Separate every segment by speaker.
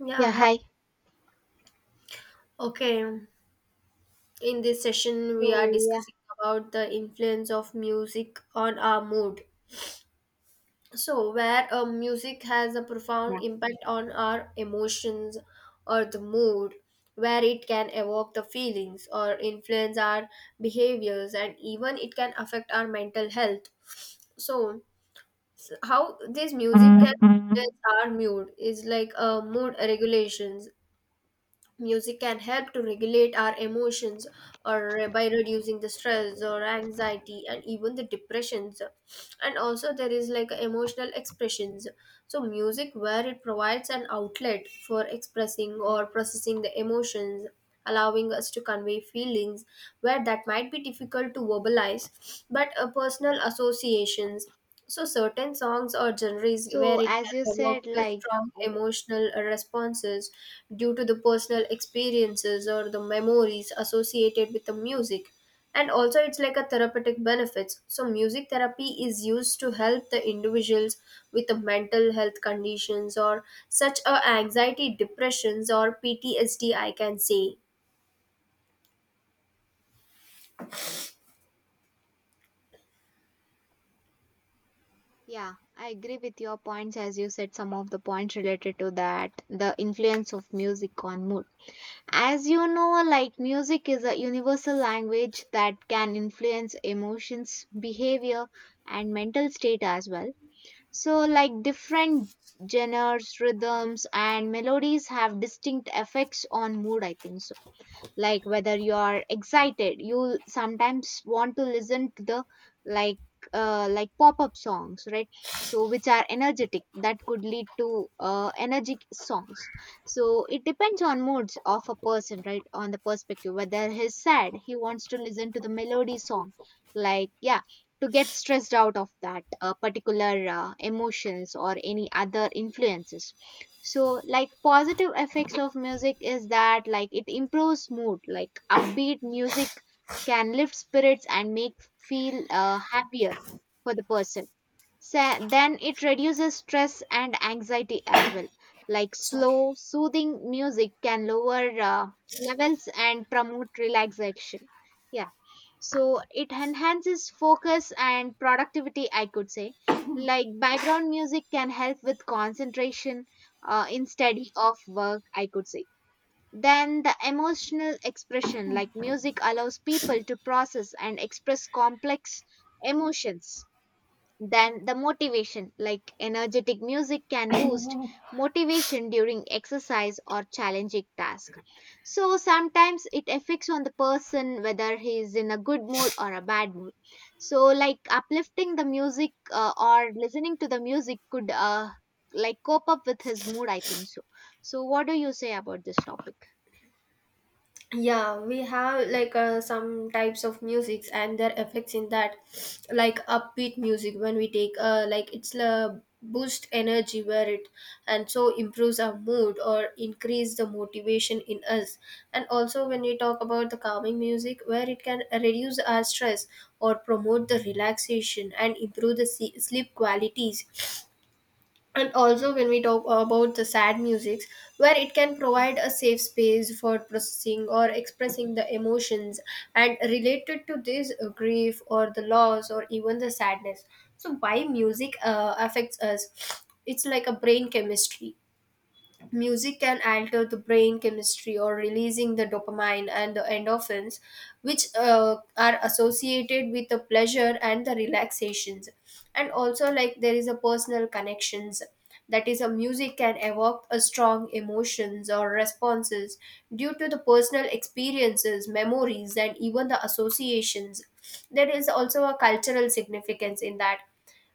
Speaker 1: Yeah,
Speaker 2: Yeah,
Speaker 1: huh.
Speaker 2: hi.
Speaker 1: Okay. In this session, we are
Speaker 2: So, yeah,
Speaker 1: discussing about the influence of music on our mood. So, where music has a profound
Speaker 2: yeah.
Speaker 1: impact on our emotions or the mood, where it can evoke the feelings or influence our behaviors, and even it can affect our mental health. So, how this music
Speaker 2: Mm.
Speaker 1: can influence our mood is like mood regulations. Music can help to regulate our emotions or by reducing the stress or anxiety and even the depressions. And also there is like emotional expressions. So music where it provides an outlet for expressing or processing the emotions, allowing us to convey feelings where that might be difficult to verbalize, but personal associations, so certain songs or genres where
Speaker 2: So,
Speaker 1: it can
Speaker 2: as you
Speaker 1: evoke
Speaker 2: said,
Speaker 1: the strong
Speaker 2: oh,
Speaker 1: emotional responses due to the personal experiences or the memories associated with the music. And also it's like a therapeutic benefits. So music therapy is used to help the individuals with the mental health conditions or such a anxiety, depressions or PTSD, I can say.
Speaker 2: yeah, I agree with your points. As you said, some of the points related to that, the influence of music on mood. As you know, like, music is a universal language that can influence emotions, behavior, and mental state as well. So, like, different genres, rhythms, and melodies have distinct effects on mood, I think so, like whether you are excited, you sometimes want to listen to the like like pop-up songs, right? So, which are energetic, that could lead to energetic songs. So it depends on moods of a person, right? On the perspective, whether he's sad, he wants to listen to the melody song, like, yeah, to get stressed out of that particular emotions or any other influences. So, like, positive effects of music is that, like, it improves mood, like upbeat music can lift spirits and make feel happier for the person. Sa, then it reduces stress and anxiety as well. Like slow soothing music can lower levels and promote relaxation, yeah. So it enhances focus and productivity, I could say, like background music can help with concentration in study of work, I could say. Then the emotional expression, like music allows people to process and express complex emotions. Then the motivation, like energetic music can boost motivation during exercise or challenging task. So sometimes it affects on the person whether he is in a good mood or a bad mood. So, like uplifting the music or listening to the music could like cope up with his mood, I think so. So what do you say about this topic?
Speaker 1: Yeah, we have like some types of musics and their effects in that, like upbeat music, when we take like it's a boost energy where it and so improves our mood or increase the motivation in us. And also when we talk about the calming music, where it can reduce our stress or promote the relaxation and improve the sleep qualities. And also when we talk about the sad musics, where it can provide a safe space for processing or expressing the emotions and related to this grief or the loss or even the sadness. So why music affects us, it's like a brain chemistry. Music can alter the brain chemistry or releasing the dopamine and the endorphins, which are associated with the pleasure and the relaxations. And also, like there is a personal connections. That is, a music can evoke a strong emotions or responses due to the personal experiences, memories, and even the associations. There is also a cultural significance in that.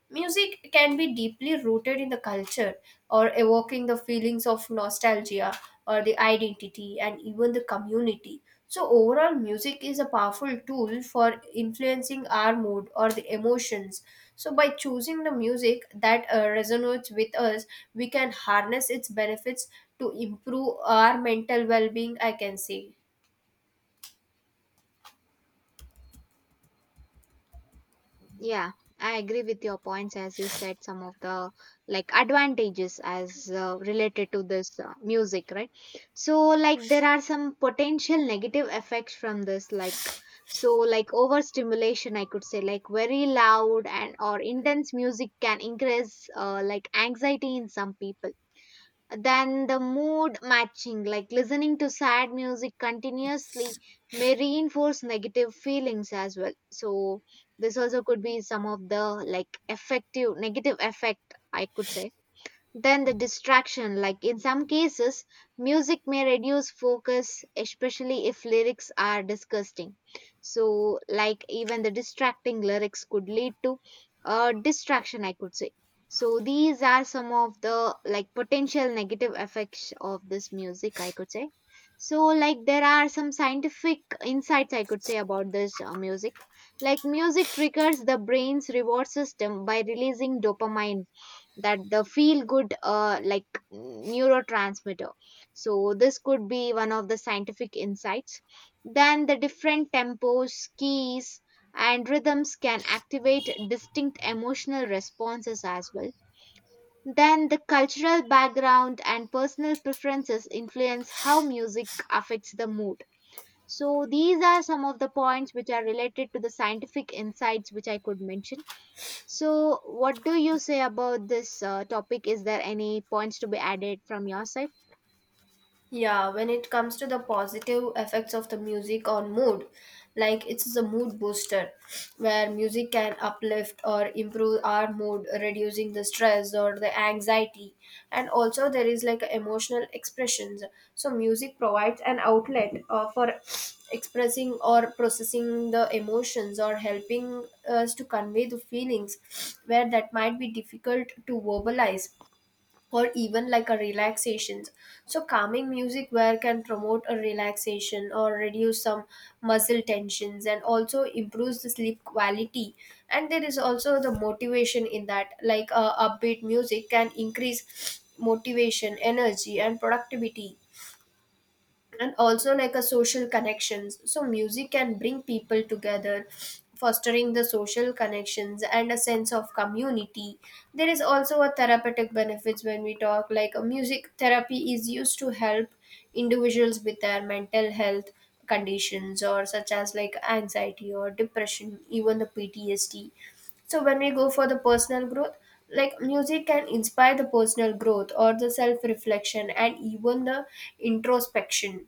Speaker 1: Music can be deeply rooted in the culture or evoking the feelings of nostalgia or the identity and even the community. So, overall, music is a powerful tool for influencing our mood or the emotions. So, by choosing the music that resonates with us, we can harness its benefits to improve our mental well being, I can say.
Speaker 2: Yeah, I agree with your points, as you said some of the, like, advantages as related to this music, right? So, like, there are some potential negative effects from this, like, so like overstimulation, I could say, like very loud and or intense music can increase like anxiety in some people. Then the mood matching, like listening to sad music continuously, may reinforce negative feelings as well. So this also could be some of the, like, effective negative effect, I could say. Then the distraction, like in some cases, music may reduce focus, especially if lyrics are disgusting. So, like, even the distracting lyrics could lead to a distraction, I could say. So these are some of the, like, potential negative effects of this music, I could say. So, like, there are some scientific insights, I could say, about this music. Like music triggers the brain's reward system by releasing dopamine, that the feel good like neurotransmitter. So this could be one of the scientific insights. Then the different tempos, keys and rhythms can activate distinct emotional responses as well. Then the cultural background and personal preferences influence how music affects the mood. So these are some of the points which are related to the scientific insights which I could mention. So, what do you say about this topic? Is there any points to be added from your side?
Speaker 1: Yeah, when it comes to the positive effects of the music on mood, like it's a mood booster where music can uplift or improve our mood, reducing the stress or the anxiety. And also, there is like emotional expressions. So, music provides an outlet for expressing or processing the emotions or helping us to convey the feelings where that might be difficult to verbalize, or even like a relaxation. So calming music where can promote a relaxation or reduce some muscle tensions and also improves the sleep quality. And there is also the motivation in that, like upbeat music can increase motivation energy and productivity. And also like a social connections, so music can bring people together, fostering the social connections and a sense of community. There is also a therapeutic benefits when we talk, like a music therapy is used to help individuals with their mental health conditions or such as like anxiety or depression, even the ptsd. So when we go for the personal growth, like music can inspire the personal growth or the self reflection and even the introspection.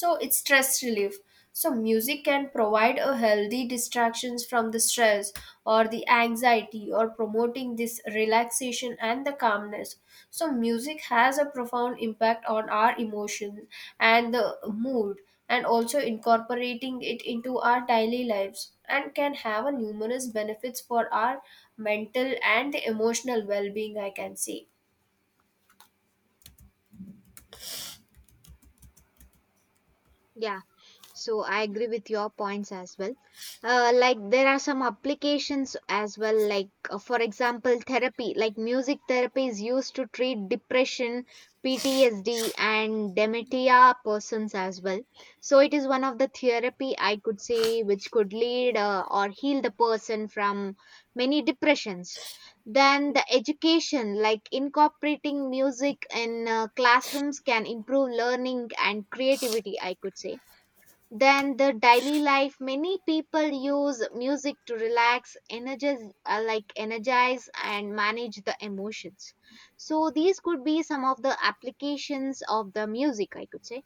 Speaker 1: So it's stress relief, so music can provide a healthy distractions from the stress or the anxiety or promoting this relaxation and the calmness. So music has a profound impact on our emotions and the mood, and also incorporating it into our daily lives and can have a numerous benefits for our mental and emotional well-being, I can say.
Speaker 2: Yeah. So I agree with your points as well. Like there are some applications as well, like for example, therapy, like music therapy is used to treat depression, PTSD, and dementia persons as well. So it is one of the therapy, I could say, which could lead or heal the person from many depressions. Then the education, like incorporating music in classrooms, can improve learning and creativity, I could say. Then the daily life, many people use music to relax, energize, energize and manage the emotions. So these could be some of the applications of the music, I could say.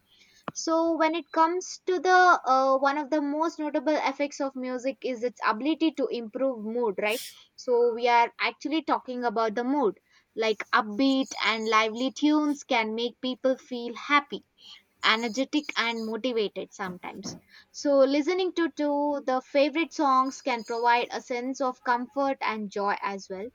Speaker 2: So when it comes to the one of the most notable effects of music is its ability to improve mood, right? So we are actually talking about the mood. Like upbeat and lively tunes can make people feel happy, energetic and motivated sometimes. So, listening to the favorite songs can provide a sense of comfort and joy as well.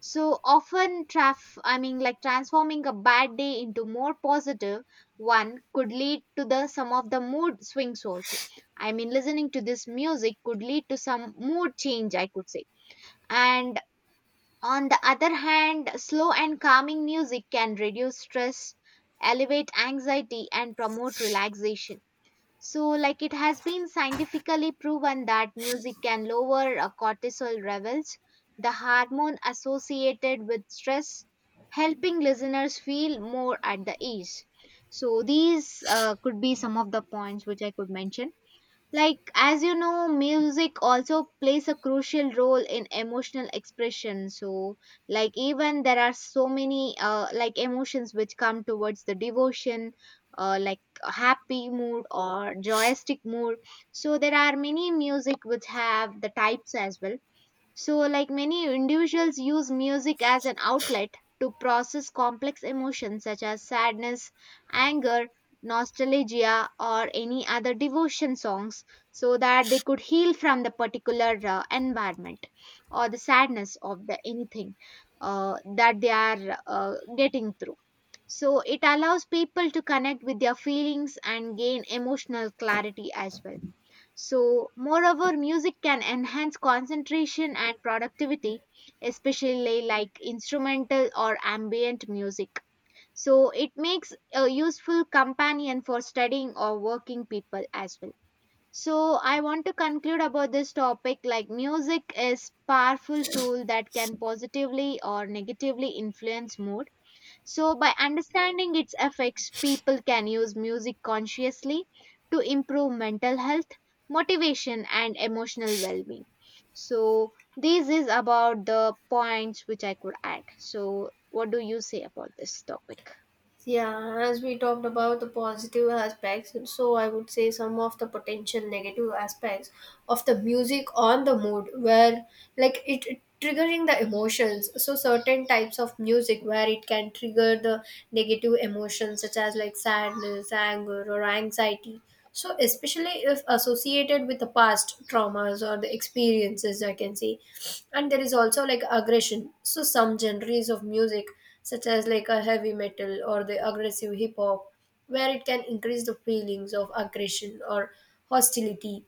Speaker 2: So, often, I mean, like transforming a bad day into more positive one could lead to the some of the mood swings also. I mean, listening to this music could lead to some mood change, I could say. And on the other hand, slow and calming music can reduce stress, elevate anxiety, and promote relaxation. So, like, it has been scientifically proven that music can lower cortisol levels, the hormone associated with stress, helping listeners feel more at the ease. So, these could be some of the points which I could mention. Like, as you know, music also plays a crucial role in emotional expression. So, like, even there are so many, like, emotions which come towards the devotion, like a happy mood or joyistic mood. So, there are many music which have the types as well. So, like, many individuals use music as an outlet to process complex emotions such as sadness, anger, nostalgia, or any other devotion songs so that they could heal from the particular environment or the sadness of the anything that they are getting through. So, it allows people to connect with their feelings and gain emotional clarity as well. So, moreover, music can enhance concentration and productivity, especially like instrumental or ambient music. So, it makes a useful companion for studying or working people as well. So, I want to conclude about this topic, like music is powerful tool that can positively or negatively influence mood. So, by understanding its effects, people can use music consciously to improve mental health, motivation, and emotional well being. So, this is about the points which I could add. So, what do you say about this topic?
Speaker 1: Yeah, as we talked about the positive aspects, so I would say some of the potential negative aspects of the music on the mood, where like it triggering the emotions. So certain types of music where it can trigger the negative emotions such as like sadness, anger, or anxiety. So especially if associated with the past traumas or the experiences, I can say, and there is also like aggression. So some genres of music such as like a heavy metal or the aggressive hip hop, where it can increase the feelings of aggression or hostility.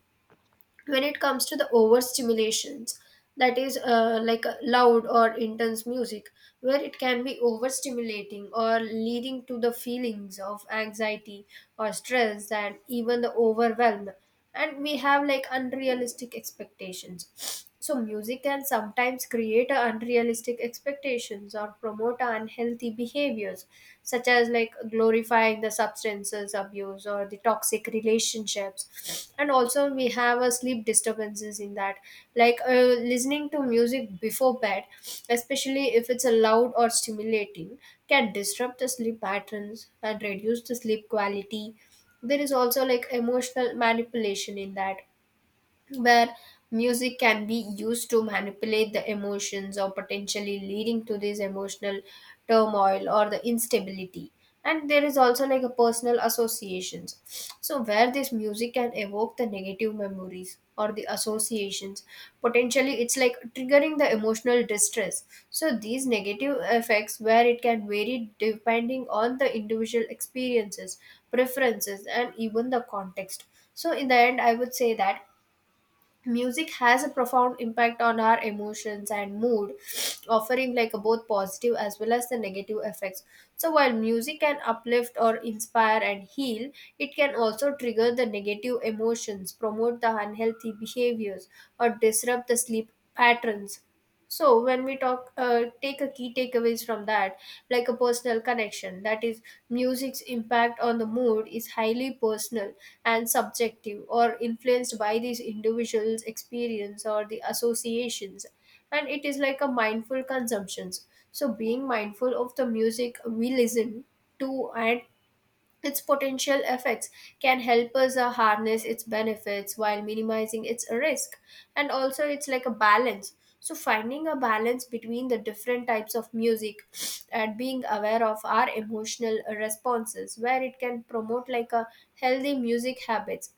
Speaker 1: When it comes to the overstimulations, that is like a loud or intense music, where it can be overstimulating or leading to the feelings of anxiety or stress and even the overwhelm. And we have like unrealistic expectations, so music can sometimes create a unrealistic expectations or promote unhealthy behaviors, such as like glorifying the substances abuse or the toxic relationships. And also, we have a sleep disturbances in that, like listening to music before bed, especially if it's a loud or stimulating, can disrupt the sleep patterns and reduce the sleep quality. There is also like emotional manipulation in that, where music can be used to manipulate the emotions or potentially leading to this emotional turmoil or the instability. And there is also like a personal associations, so where this music can evoke the negative memories or the associations, potentially it's like triggering the emotional distress. So these negative effects where it can vary depending on the individual experiences, preferences and even the context. So in the end I would say that music has a profound impact on our emotions and mood, offering like a both positive as well as the negative effects. So while music can uplift or inspire and heal, it can also trigger the negative emotions, promote the unhealthy behaviors or disrupt the sleep patterns. So when we talk take a key takeaways from that, like a personal connection, that is music's impact on the mood is highly personal and subjective or influenced by these individuals experience or the associations. And it is like a mindful consumptions, so being mindful of the music we listen to and its potential effects can help us harness its benefits while minimizing its risk. And also, it's like a balance. So, finding a balance between the different types of music and being aware of our emotional responses, where it can promote like a healthy music habits.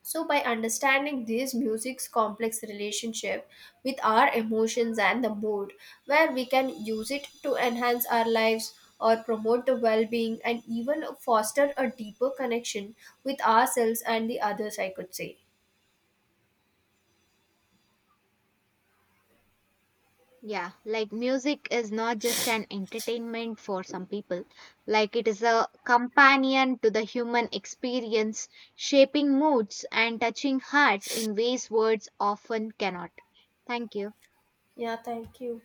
Speaker 1: So, by understanding this music's complex relationship with our emotions and the mood, where we can use it to enhance our lives or promote the well being and even foster a deeper connection with ourselves and the others, I could say.
Speaker 2: Yeah, like music is not just an entertainment for some people, like it is a companion to the human experience, shaping moods and touching hearts in ways words often cannot. Thank you.
Speaker 1: Yeah, thank you.